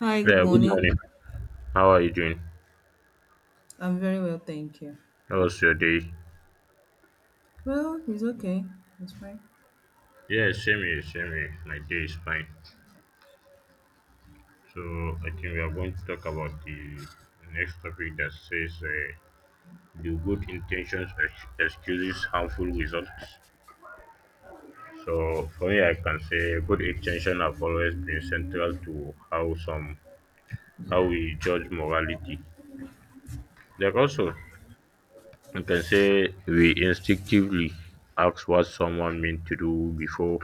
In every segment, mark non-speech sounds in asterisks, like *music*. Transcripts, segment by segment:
Hi, good Yeah, good morning. morning. How are you doing? I'm very well, thank you. How was your day? Well, it's okay. It's fine. Yeah, same here, same here. My day is fine. So I think we are going to talk about the next topic that says do good intentions excuses harmful results. So for me, I can say good intention have always been central to how some how we judge morality. Like also, you can say we instinctively ask what someone meant to do before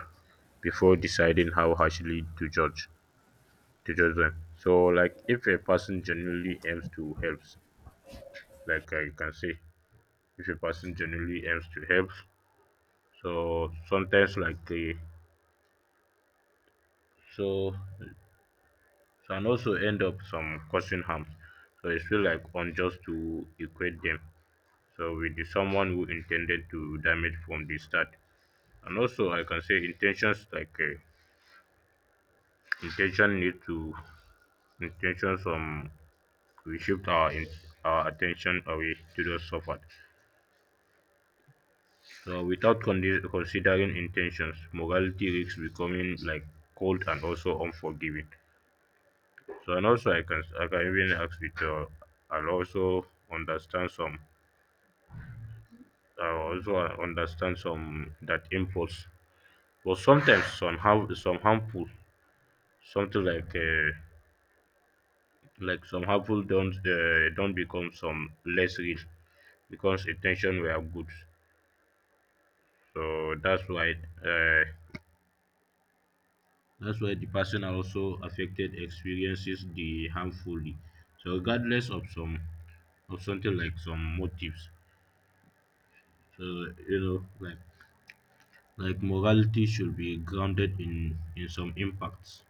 deciding how harshly to judge them. So like if a person genuinely aims to help, like I can say, if a person genuinely aims to help, so sometimes like so so and also end up some causing harm. So it's feel like unjust to equate them. So with the someone who intended to damage from the start, and also I can say intentions like. Intention need to intention some we shift our our attention away to those suffered. So without considering intentions, morality risks becoming like cold and also unforgiving. So and also I can even ask it I'll also understand some I also understand some that impulse. But sometimes some have some harmful something like some harmful don't become some less real because intention were good. So uh, that's why the person also affected experiences the harmfully. So regardless of some of something like some motives. So you know like morality should be grounded in some impacts,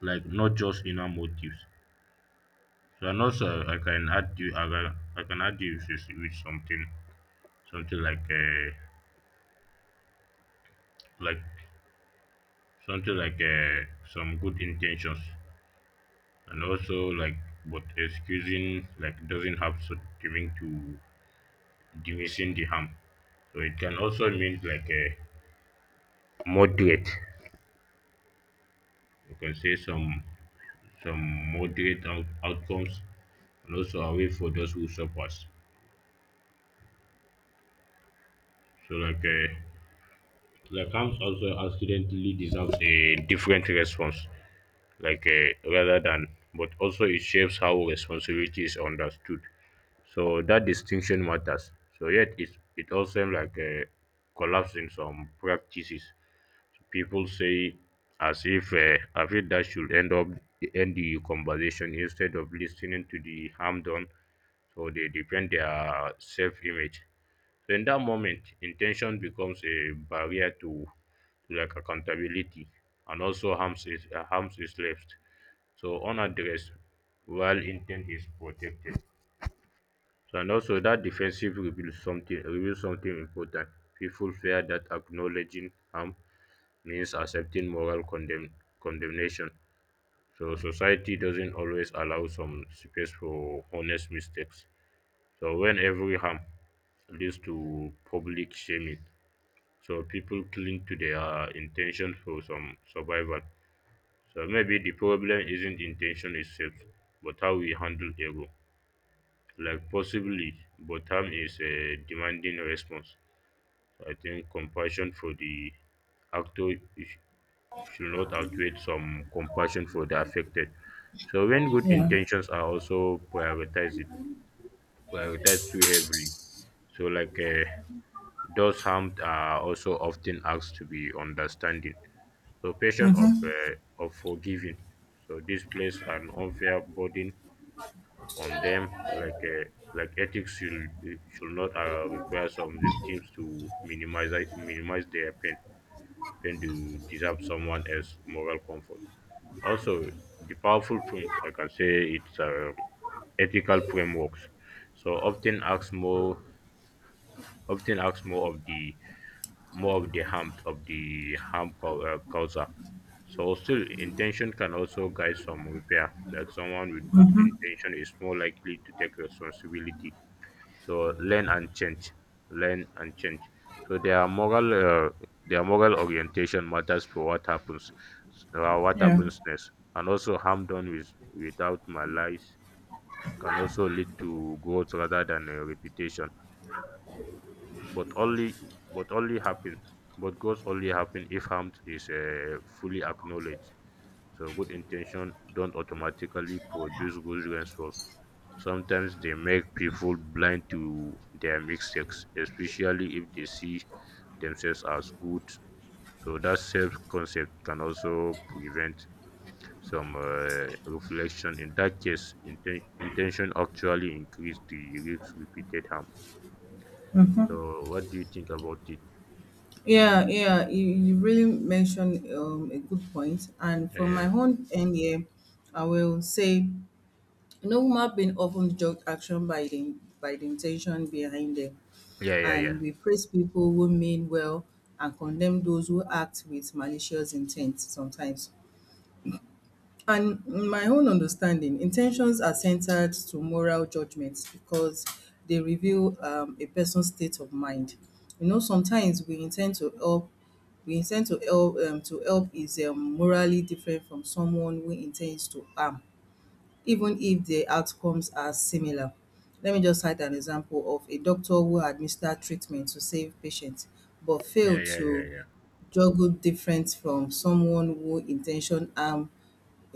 like not just inner motives. So and also I can add you with something something like something like some good intentions, and also like but excusing like doesn't have to giving to diminishing the harm. So it can also mean like a moderate, you can say some moderate outcomes and also a way for those who suffers. So like harms also accidentally deserves a different response, like rather than, but also it shapes how responsibility is understood. So that distinction matters. So yet it, it also like a collapse in some practices people say, as if I feel that should end up end the conversation instead of listening to the harm done. So they defend their self-image. So in that moment intention becomes a barrier to like accountability, and also harms is left so unaddressed while intent is protected. So and also that defensive reveals something important. People fear that acknowledging harm means accepting condemnation. So society doesn't always allow some space for honest mistakes. So when every harm leads to public shaming, so people cling to their intention for some survival. So maybe the problem isn't intention itself, but how we handle ego. Like possibly, but harm is a demanding response. I think compassion for the actor is- should not outweigh some compassion for the affected. So when good Yeah, intentions are also prioritized, it prioritized too heavily. So like those harmed are also often asked to be understanding. So patient of forgiving. So this place an unfair burden on them, like ethics should not require some victims to minimize their pain when to deserve someone else moral comfort. Also, the powerful point I can say it's ethical frameworks. So often acts more of the more of the harm causer. So still, intention can also guide some repair. Like someone with good intention is more likely to take responsibility. So learn and change, learn and change. So their uh, their moral orientation matters for what yeah. happens next, and also harm done with without malice can also lead to growth rather than a reputation, but only but only happen but goals only happen if harm is fully acknowledged. So good intention don't automatically produce good results. Sometimes they make people blind to their mistakes, especially if they see themselves as good. So that self concept can also prevent some reflection. In that case intention actually increase the risk repeated harm. So Mm-hmm. what do you think about it? Yeah, yeah, you really mentioned a good point. And Yeah, from my yeah. own end here, I will say, you know, women have been often judged action by the intention behind them. Yeah, yeah, yeah. And we praise people who mean well and condemn those who act with malicious intent sometimes. And in my own understanding, intentions are centered to moral judgments because they reveal a person's state of mind. You know, sometimes we intend to help. We intend to help. To help is morally different from someone who intends to harm, even if the outcomes are similar. Let me just cite an example of a doctor who administered treatment to save patients, but Yeah, failed yeah, yeah, to yeah. juggle different from someone who intention harm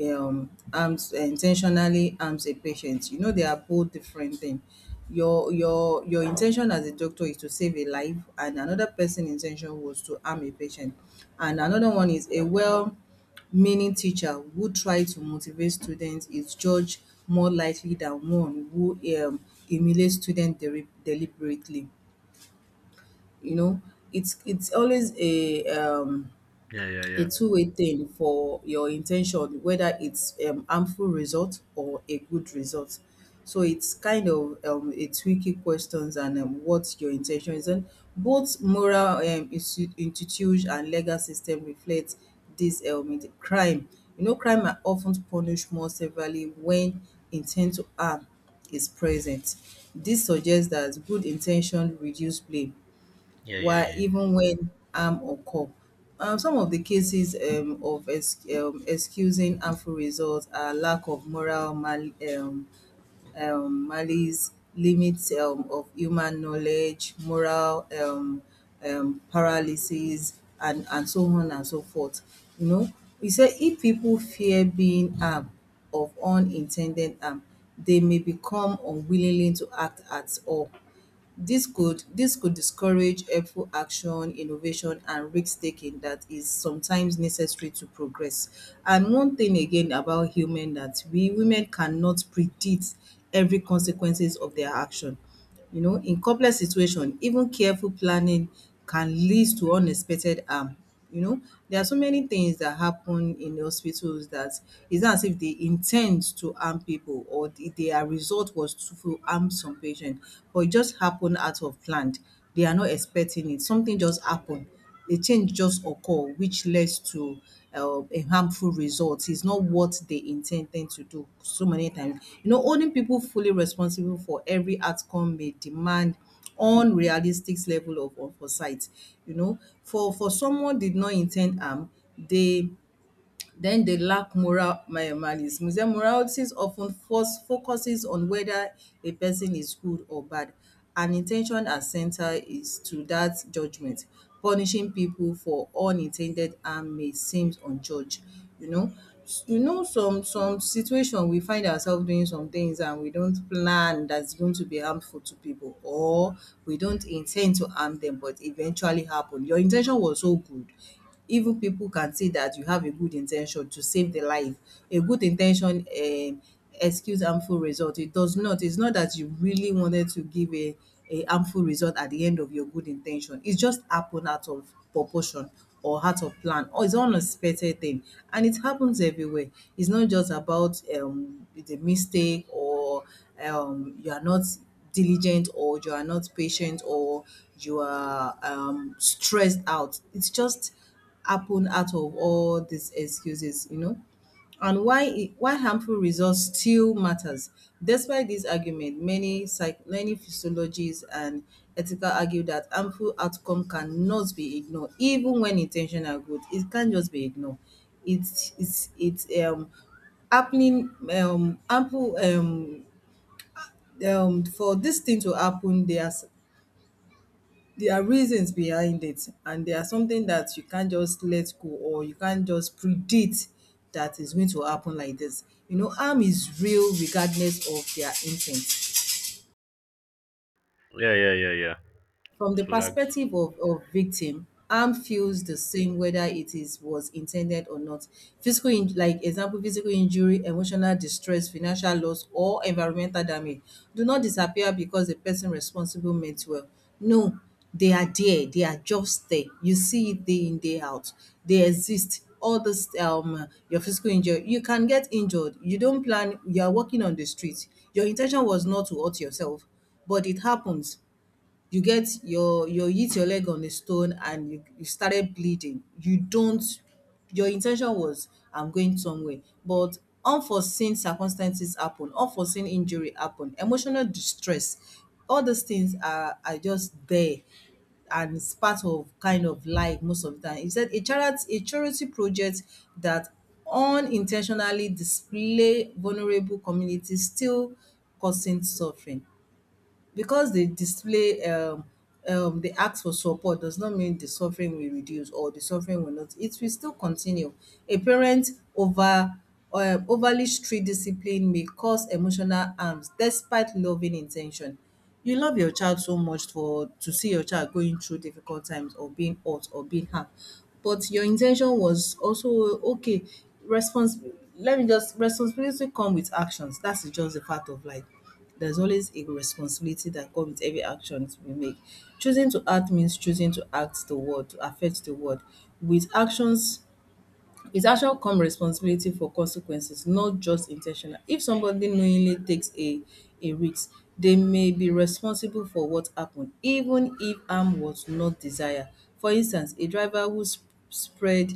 harms intentionally harms a patient. You know, they are both different things. Your intention as a doctor is to save a life, and another person' intention was to harm a patient. And another one is a well meaning teacher who try to motivate students is judged more likely than one who um humiliate students deliberately. You know, it's always Yeah, yeah, a yeah. two-way thing for your intention, whether it's harmful result or a good result. So it's kind of a tricky questions and what your intention is. And both moral institute and legal system reflect this element. Crime, you know, crime are often punished more severely when intent to harm is present. This suggests that good intention reduce blame Yeah, yeah, why yeah. even when harm occur. Some of the cases of excusing harmful results are lack of moral um, malice, limits of human knowledge, moral paralysis, and so on and so forth. You know, he said if people fear being harmed of unintended harm, they may become unwillingly to act at all. This could discourage helpful action, innovation, and risk taking that is sometimes necessary to progress. And one thing again about human that we women cannot predict every consequences of their action. You know, in complex situation, even careful planning can lead to unexpected harm. You know, there are so many things that happen in the hospitals that it's not as if they intend to harm people or their result was to harm some patient, but it just happened out of plan. They are not expecting it. Something just happened, a change just occur which leads to a harmful result. It's not what they intended to do. So many times, you know, holding people fully responsible for every outcome may demand unrealistic level of foresight. You know, for someone did not intend harm, they then they lack moral malice. Museum morality often focuses on whether a person is good or bad, and intention as center is to that judgment. Punishing people for unintended harm may seem unjudged. You know, you know, some situation we find ourselves doing some things and we don't plan that's going to be harmful to people, or we don't intend to harm them, but eventually happen. Your intention was so good. Even people can see that you have a good intention to save the life. A good intention excuse harmful result. It does not. It's not that you really wanted to give a harmful result at the end of your good intention. It just happened out of proportion or out of plan, or it's unexpected thing, and it happens everywhere. It's not just about the mistake, or you are not diligent, or you are not patient, or you are stressed out. It's just happen out of all these excuses, you know? And why it, why harmful results still matters. Despite this argument, many many physiologists and ethical argue that harmful outcome cannot be ignored, even when intentional good. It can't just be ignored. It's happening ample For this thing to happen, there are. There are reasons behind it, and there are something that you can't just let go or you can't just predict that is going to happen like this. You know, harm is real regardless of their intent. Yeah, yeah, yeah, yeah. From the So like, perspective of victim, harm feels the same whether it is was intended or not. Physical in, like example, physical injury, emotional distress, financial loss, or environmental damage do not disappear because the person responsible meant well. No, they are there. They are just there. You see it day in, day out. They exist. All this your physical injury, you can get injured. You don't plan, you are walking on the street. Your intention was not to hurt yourself, but it happens. You get your you hit your leg on a stone, and you started bleeding. You don't, your in ten tion was I'm going somewhere, but unforeseen circumstances happen, unforeseen injury happen, emotional distress, all these things are just there, and it's part of kind of life most of the time. He said a charity project that unintentionally display vulnerable communities still causing suffering. Because they display they ask for support does not mean the suffering will reduce, or the suffering will not. It will still continue. A parent over overly strict discipline may cause emotional harms despite loving intention. You love your child so much for to see your child going through difficult times or being hurt or being harmed, but your intention was also okay. Response. Let me just responsibility come with actions. That's just the fact of life. There's always a responsibility that comes with every action we make. Choosing to act means choosing to act the world, to affect the world. With actions, with action come responsibility for consequences, not just in ten tional. If somebody knowingly takes a risk, they may be responsible for what happened even if harm was not desired. For instance, a driver who spread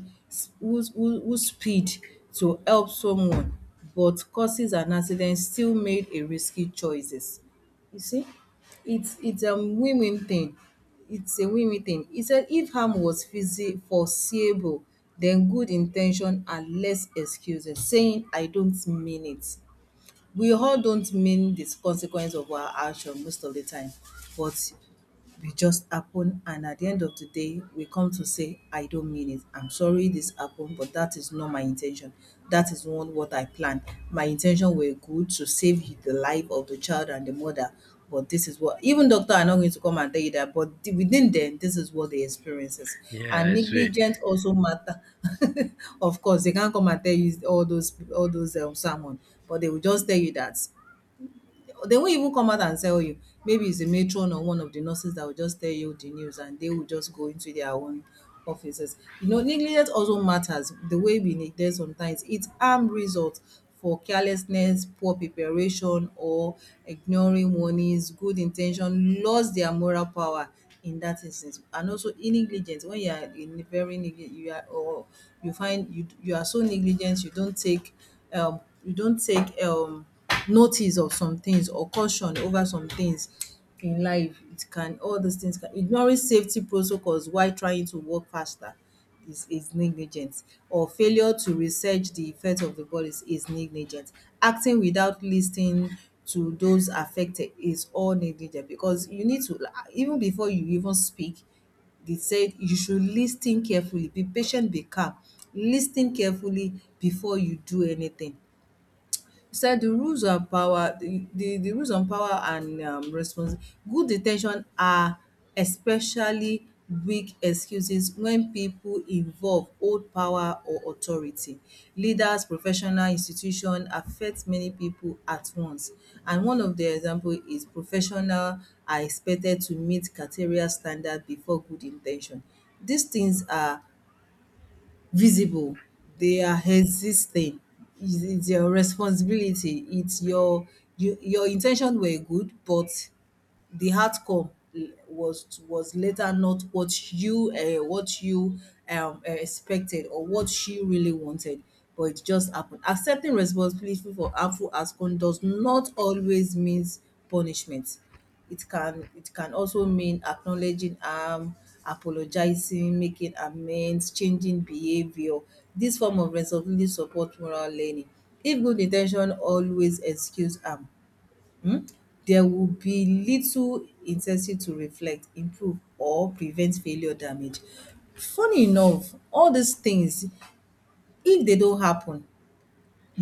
who speed to help someone but causes an accident still made a risky choices. You see, it's a women thing. It's a women thing. He said, if harm was foreseeable, then good intention are less excuses. Saying, I don't mean it. We all don't mean the consequence of our action most of the time, but we just happen, and at the end of the day we come to say, I don't mean it, I'm sorry this happened, but that is not my intention. That is not what I planned. My intention were good to save the life of the child and the mother, but this is what even doctor are not going to come and tell you that, but within them this is what they experiences. yeah, And I swear. negligence also matter. *laughs* Of course they can't come and tell you all those, all those sermon, but they will just tell you that. They won't even come out and tell you. Maybe it's a matron or one of the nurses that will just tell you the news, and they will just go into their own offices. You know, negligence also matters. The way we neglect sometimes, it's harm results for carelessness, poor preparation, or ignoring warnings, good intention, lost their moral power in that instance. And also in negligence, when you are in very negligent, you are or you find you you are so negligent, you don't take notice of some things or caution over some things in life. It can all those things can ignoring safety protocols while trying to work faster is negligence, or failure to research the effect of the bodies is negligence. Acting without listening to those affected is all negligent because you need to, even before you even speak, they said you should listen carefully, be patient, be calm, listen carefully before you do anything. Said the rules on power, the rules on power and responsi good in are especially weak excuses when people involve hold power or authority. Leaders, professional, institution affect many people at once, and one of the example is professional are expected to meet criteria standard before good intention. These things are visible, they are existing. It's your responsibility. it's your your intention were good, but the outcome was later not what you what you expected or what she really wanted but it just happened. Accepting responsibility for harmful outcome does not always means punishment. It can also mean acknowledging harm, apologizing, making amends, changing behavior. This form of responsibility support moral learning. If good intention always excuse harm, um there would be little incentive to reflect, improve or prevent failure damage. Funny enough, all these things, if dey don happen,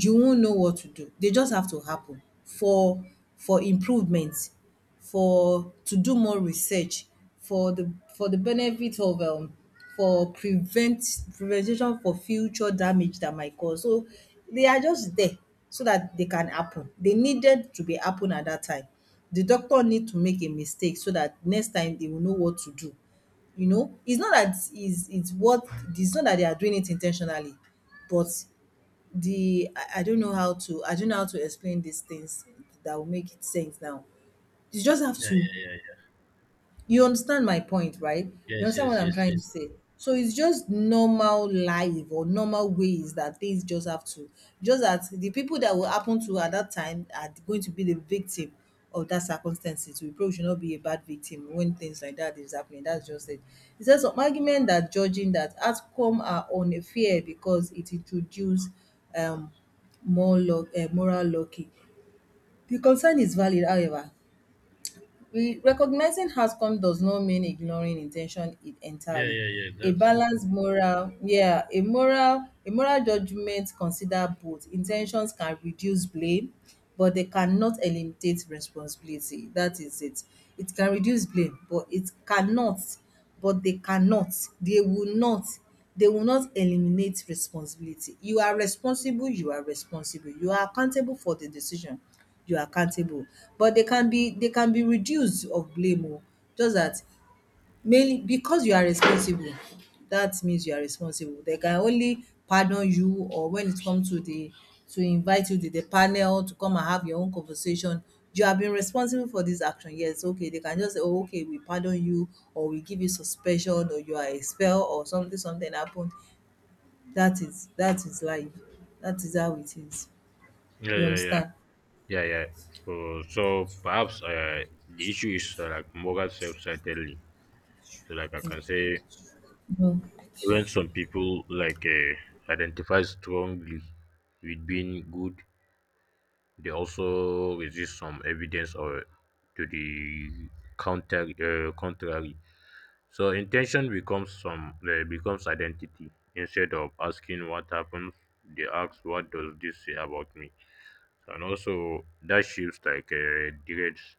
you won't know what to do. They just have to happen for improvement, for to do more research, for the benefit of for prevention for future damage that might cause. So they are just there so that they can happen. They needed to be happen at that time. The doctor need to make a mistake so that next time they will know what to do. You know, it's not that is it's what it's not that they are doing it intentionally, but the I don't know how to, I don't know how to explain these things that will make it sense now. You just have to you understand my point, right? You Yeah, understand what I'm trying to say? So it's just normal life or normal ways that things just have to, just that the people that will happen to at that time are going to be the victim of that circumstances. We probably should not be a bad victim when things like that is happening. That's just it. It's just some argument that judging that outcome are unfair because it introduce um more moral lucky. The concern is valid, however, recognizing outcome does not mean ignoring intention it yeah, entirely. yeah, yeah. A That's it. balanced moral, yeah, a moral judgment consider both. Intentions can reduce blame, but they cannot eliminate responsibility. That is it. It can reduce blame, but it cannot, but they cannot, they will not they will not eliminate responsibility. You are responsible, you are accountable for the decision, you are accountable, but they can be reduced of blame o, just that. Mainly because you are responsible, that means you are responsible. They can only pardon you or when it comes to the to invite you to the panel to come and have your own conversation, you have been responsible for this action. Yes, okay, they can just say, "Oh, okay, we pardon you or we give you suspension or you are expelled or something something happened." That is life. That is how it is. Yeah, You yeah, yeah. understand? Yeah, yeah. So, so perhaps the issue is like moral self-centeredly. So like I can say, Mm. when some people like identify strongly with being good, they also resist some evidence or to the counter contrary. So intention becomes identity. Instead of asking what happens, they ask what does this say about me. And also that shifts like directs.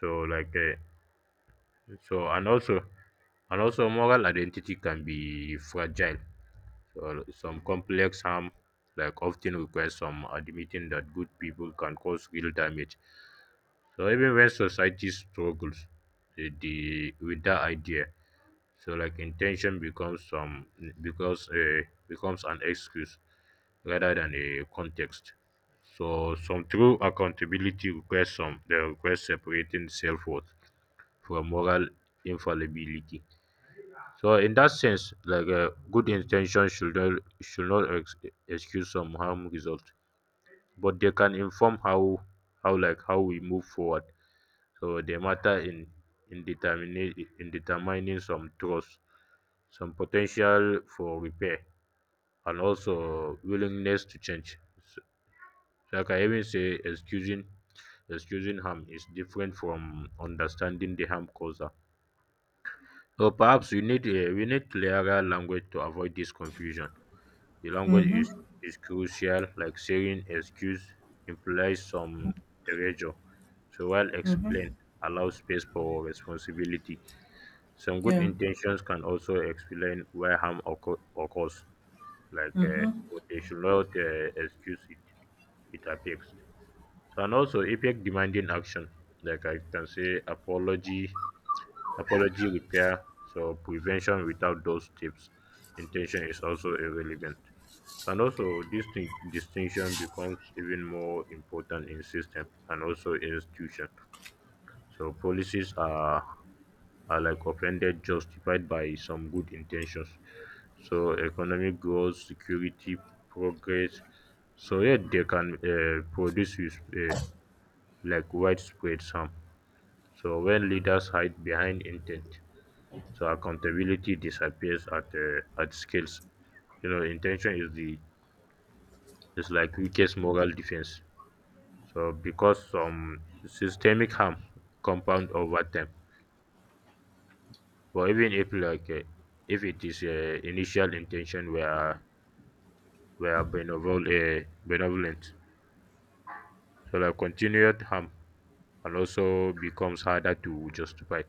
So like so and also, and also moral identity can be fragile. So some complex harm like often requires some admitting that good people can cause real damage. So even when society struggles with the with that idea, so like intention becomes some, because becomes an excuse rather than a context. So some true accountability requires some, they request separating self worth from moral infallibility. So in that sense, like good intention should not excuse some harm result, but they can inform how how we move forward. So they matter in determining in determining some trust, some potential for repair, and also willingness to change. Like I even say, excusing harm is different from understanding the harm causer. Or perhaps we need a, we need clearer language to avoid this confusion. The language is crucial, like saying excuse implies some erasure. So while explain allows space for responsibility. Some good Yeah. intentions can also explain why occurs, like but they should not excuse it. It affects, so and also effect demanding action, like I can say apology, apology, repair, so prevention. Without those steps, intention is also irrelevant. So, and also this thing, distinction becomes even more important in system and also institution. So policies are like offended justified by some good intentions. So economic growth, security, progress. So yet they can produce with, like widespread harm. So when leaders hide behind intent, so accountability disappears at scales. You know, intention is the is like weakest moral defense. So because some systemic harm compound over time. But even if like if it is initial intention were were benevolent, so like continued harm and also becomes harder to justify.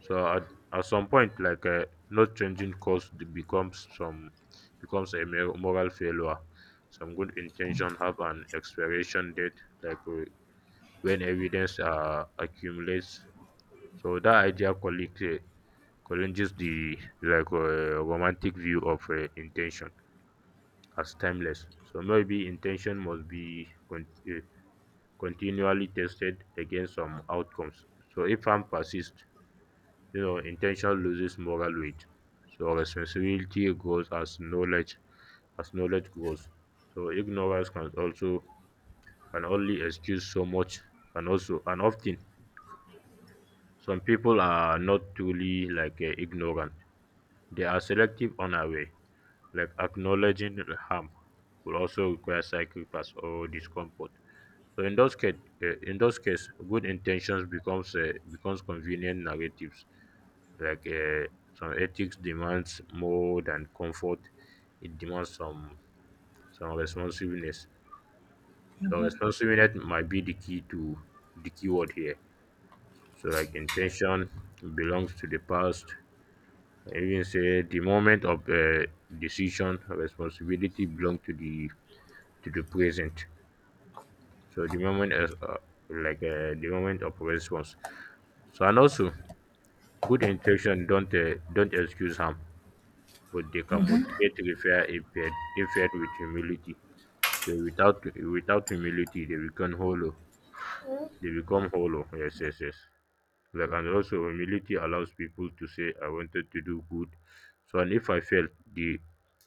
So at some point, like not changing course becomes some becomes a moral failure. Some good intention have an expiration date, like when evidence accumulates. So that idea collects, challenges the like romantic view of intention as timeless. So maybe intention must be continually tested against some outcomes. So if harm persists, you know, intention loses moral weight. So responsibility grows as knowledge grows. So ignorance can also can only excuse so much, and also and often some people are not truly like ignorant. They are selective on our way. Like acknowledging harm will also require sacrifice or discomfort. So in those case, good intentions becomes convenient narratives. Like some ethics demands more than comfort; it demands some responsiveness. So responsiveness might be the key to the keyword here. So like intention belongs to the past. I even say the moment of decision, responsibility belong to the present. So the moment is like the moment of response. So and also, good intention don't excuse harm, but they can motivate repair if paired with humility. So without without humility, they become hollow. They become hollow. Yes, yes, yes. Like and also humility allows people to say, "I wanted to do good." So and if I fail, the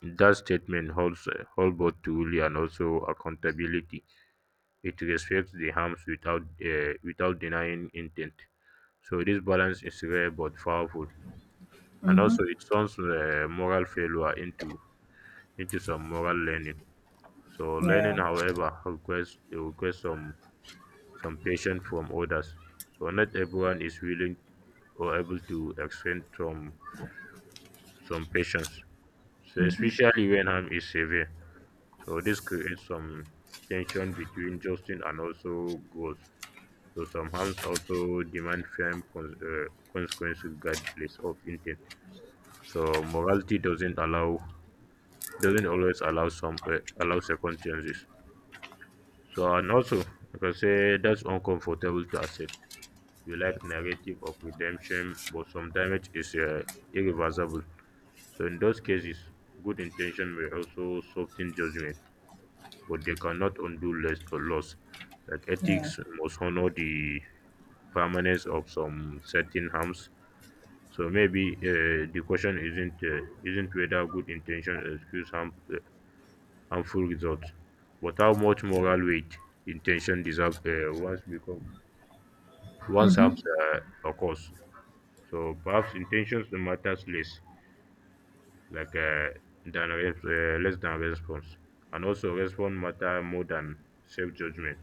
that statement hold both truly and also accountability. It respects the harms without without denying intent. So this balance is rare but powerful, and also it turns moral failure into some moral learning. So learning, Yeah. however, requires it requires some patience from others. So not everyone is willing or able to extend some patience, so especially when harm is severe. So this creates some tension between justice and also growth. So some harms also demand firm consequences regardless of intent. So morality doesn't allow doesn't always allow some allow second chances. So and also I can say that's uncomfortable to accept. You like narrative of redemption, but some damage is irreversible. So in those cases, good intention may also soften judgment, but they cannot undo less or loss. Like Yeah. ethics must honor the permanence of some certain harms. So maybe the question isn't whether good intention excuse harm, harmful results, but how much moral weight intention deserve once becomes once harms uh, occurs. So perhaps intentions matters less, like than less than response, and also response matter more than self judgment,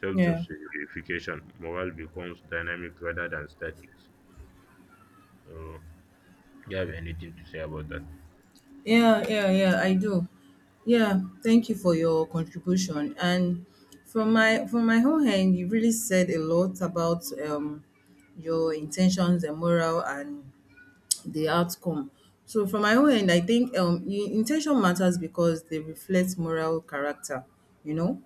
self Yeah. justification. Moral becomes dynamic rather than static. So, do you have anything to say about that? Yeah, yeah, yeah, I do. Yeah, thank you for your contribution. And from my whole end, you really said a lot about your intentions, the moral, and the outcome. So from my own end, I think intention matters because they reflect moral character. You know,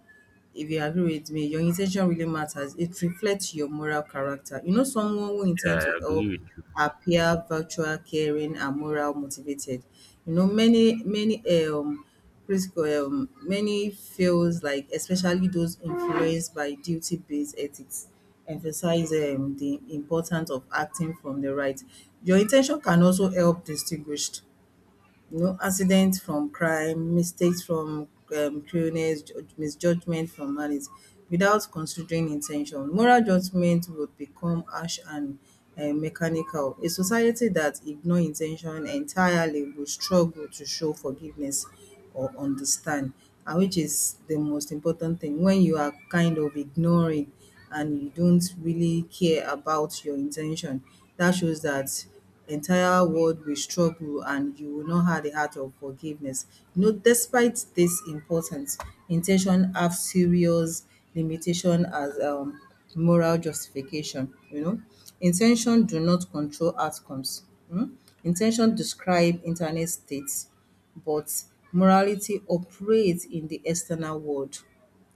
if you agree with me, your in ten tion really matters. It reflects your moral character. You know, someone who Yeah, intends to I help agree with you. appear virtual, caring, and moral motivated. You know, many critical many feels like, especially those influenced by duty based ethics, emphasize the importance of acting from the right. Your intention can also help distinguish no know, accidents from crime, mistakes from cruelness, misjudgment from malice, without considering intention. Moral judgment would become harsh and mechanical. A society that ignores intention entirely will struggle to show forgiveness or understand, and which is the most important thing. When you are kind of ignoring and you don't really care about your intention, that shows that entire world will struggle and you will not have the heart of forgiveness. You know, despite this importance, intention have serious limitation as moral justification, you know. Intention do not control outcomes. um Intention describe internal states, but morality operates in the external world,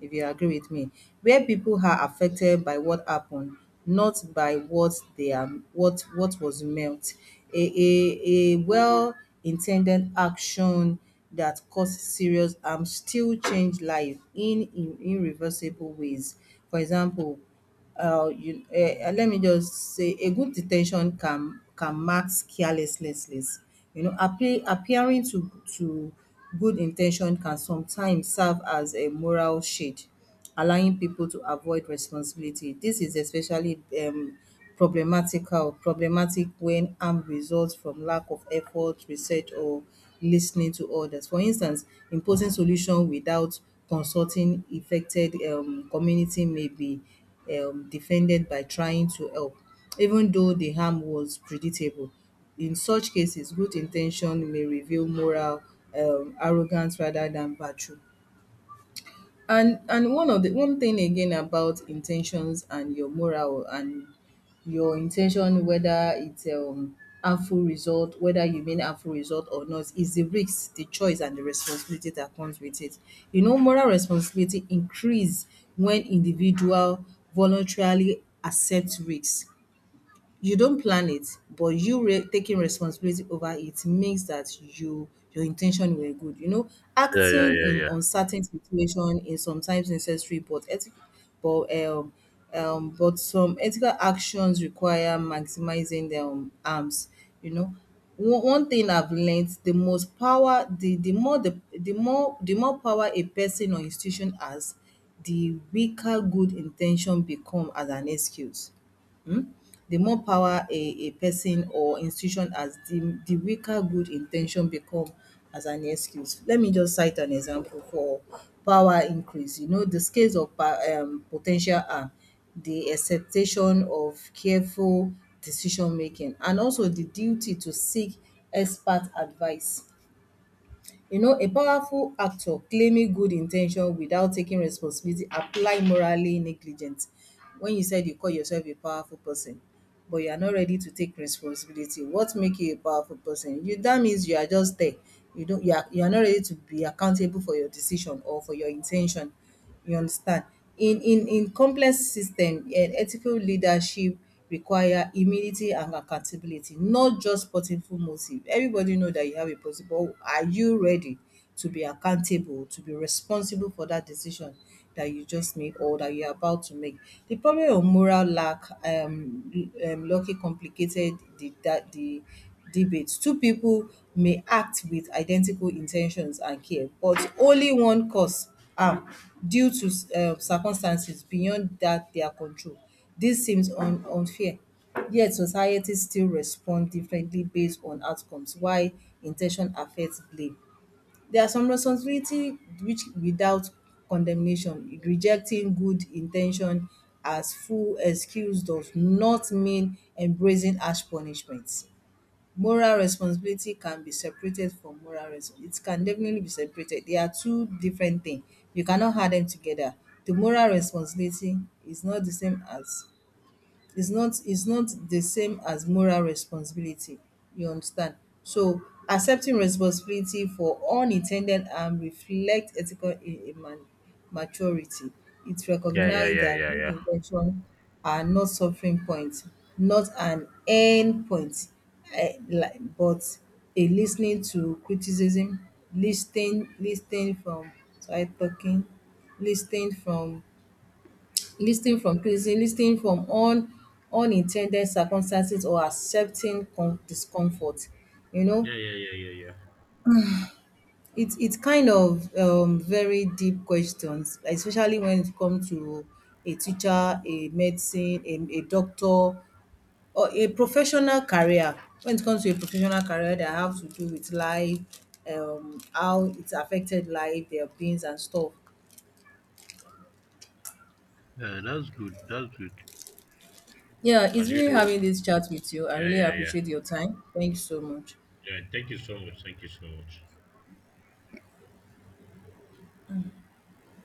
if you agree with me, where people are affected by what happened, not by what they are, what was meant. A well intended action that causes serious harm still change life in irreversible ways. For example, let me just say a good detention can mask carelessness. You know, appearing to good intention can sometimes serve as a moral shade, allowing people to avoid responsibility. This is especially problematic when harm results from lack of effort, research or lis ten ing to others. For instance, imposing solution without consulting effected community may be defended by trying to help, even though the harm was predictable. In such cases, good in ten tion may reveal moral arrogance rather than virtue. And one of the one thing again about intentions and your moral and your intention, whether it's harmful result, whether you mean harmful result or not, is the risk, the choice and the responsibility that comes with it. You know, moral responsibility increase when individual voluntarily accept risks. You don't plan it, but you taking responsibility over it means that your intention were good. You know, Yeah, yeah, acting yeah, in yeah. uncertain situation is sometimes necessary, but but um, but some ethical actions require maximizing their arms. You know, one thing I've learned: the most power, the more power a person or institution has, the weaker good intention become as an excuse. um the more power a person or institution has, the weaker good intention become as an excuse. Let me just cite an example for power increase. You know, the scales of pa potential are the expectation of careful decision making and also the duty to seek expert advice. You know, a powerful actor claiming good intention without taking responsibility apply morally negligent. When you said you call yourself a powerful person, but you are not ready to take responsibility, what make you a powerful person? You that means you are just there. You are not ready to be accountable for your decision or for your intention, you understand? In complex system, eh, ethical leadership require humility and accountability, not just powerful motive. Everybody know that you have a positive, but are you ready to be accountable, to be responsible for that decision that you just made or that you're about to make? The problem of moral lack lucky complicated the that the debate. Two people may act with identical intentions and care, but only one cause um due to circumstances beyond that their control. This seems un unfair, yet society still respond differently based on outcomes. Why in ten tion affect blame. There are some responsibility which without condemnation, rejecting good in ten tion as full excuse does not mean embracing harsh punishment. Moral responsibility can be separated from moral res it can definitely be separated. They are two different things. You cannot add them together. The moral responsibility is not the same as, is not the same as moral responsibility. You understand? So accepting responsibility for unin ten ded harm reflect ethical maturity. It Yeah, yeah, recognize yeah, that yeah, good yeah. in ten tion are not suffering point, not an end point, but a lis ten ing to criticism, lis ten from, sorry, talking, lis ten from, listing from pleasing, listing from un unintended circumstances or accepting com discomfort, you know. Yeah, yeah, yeah, yeah, yeah. It's it's kind of very deep questions, especially when it comes to a teacher, a medicine, a doctor or a professional career. When it comes to a professional career that have to do with life, how it's affected life, their beings and stuff. Yeah, that's good. That's good. Yeah, it's And you really know, having this chat with you. I yeah, really yeah, yeah. appreciate your time. Thank you so much. Yeah, thank you so much. Thank you so much.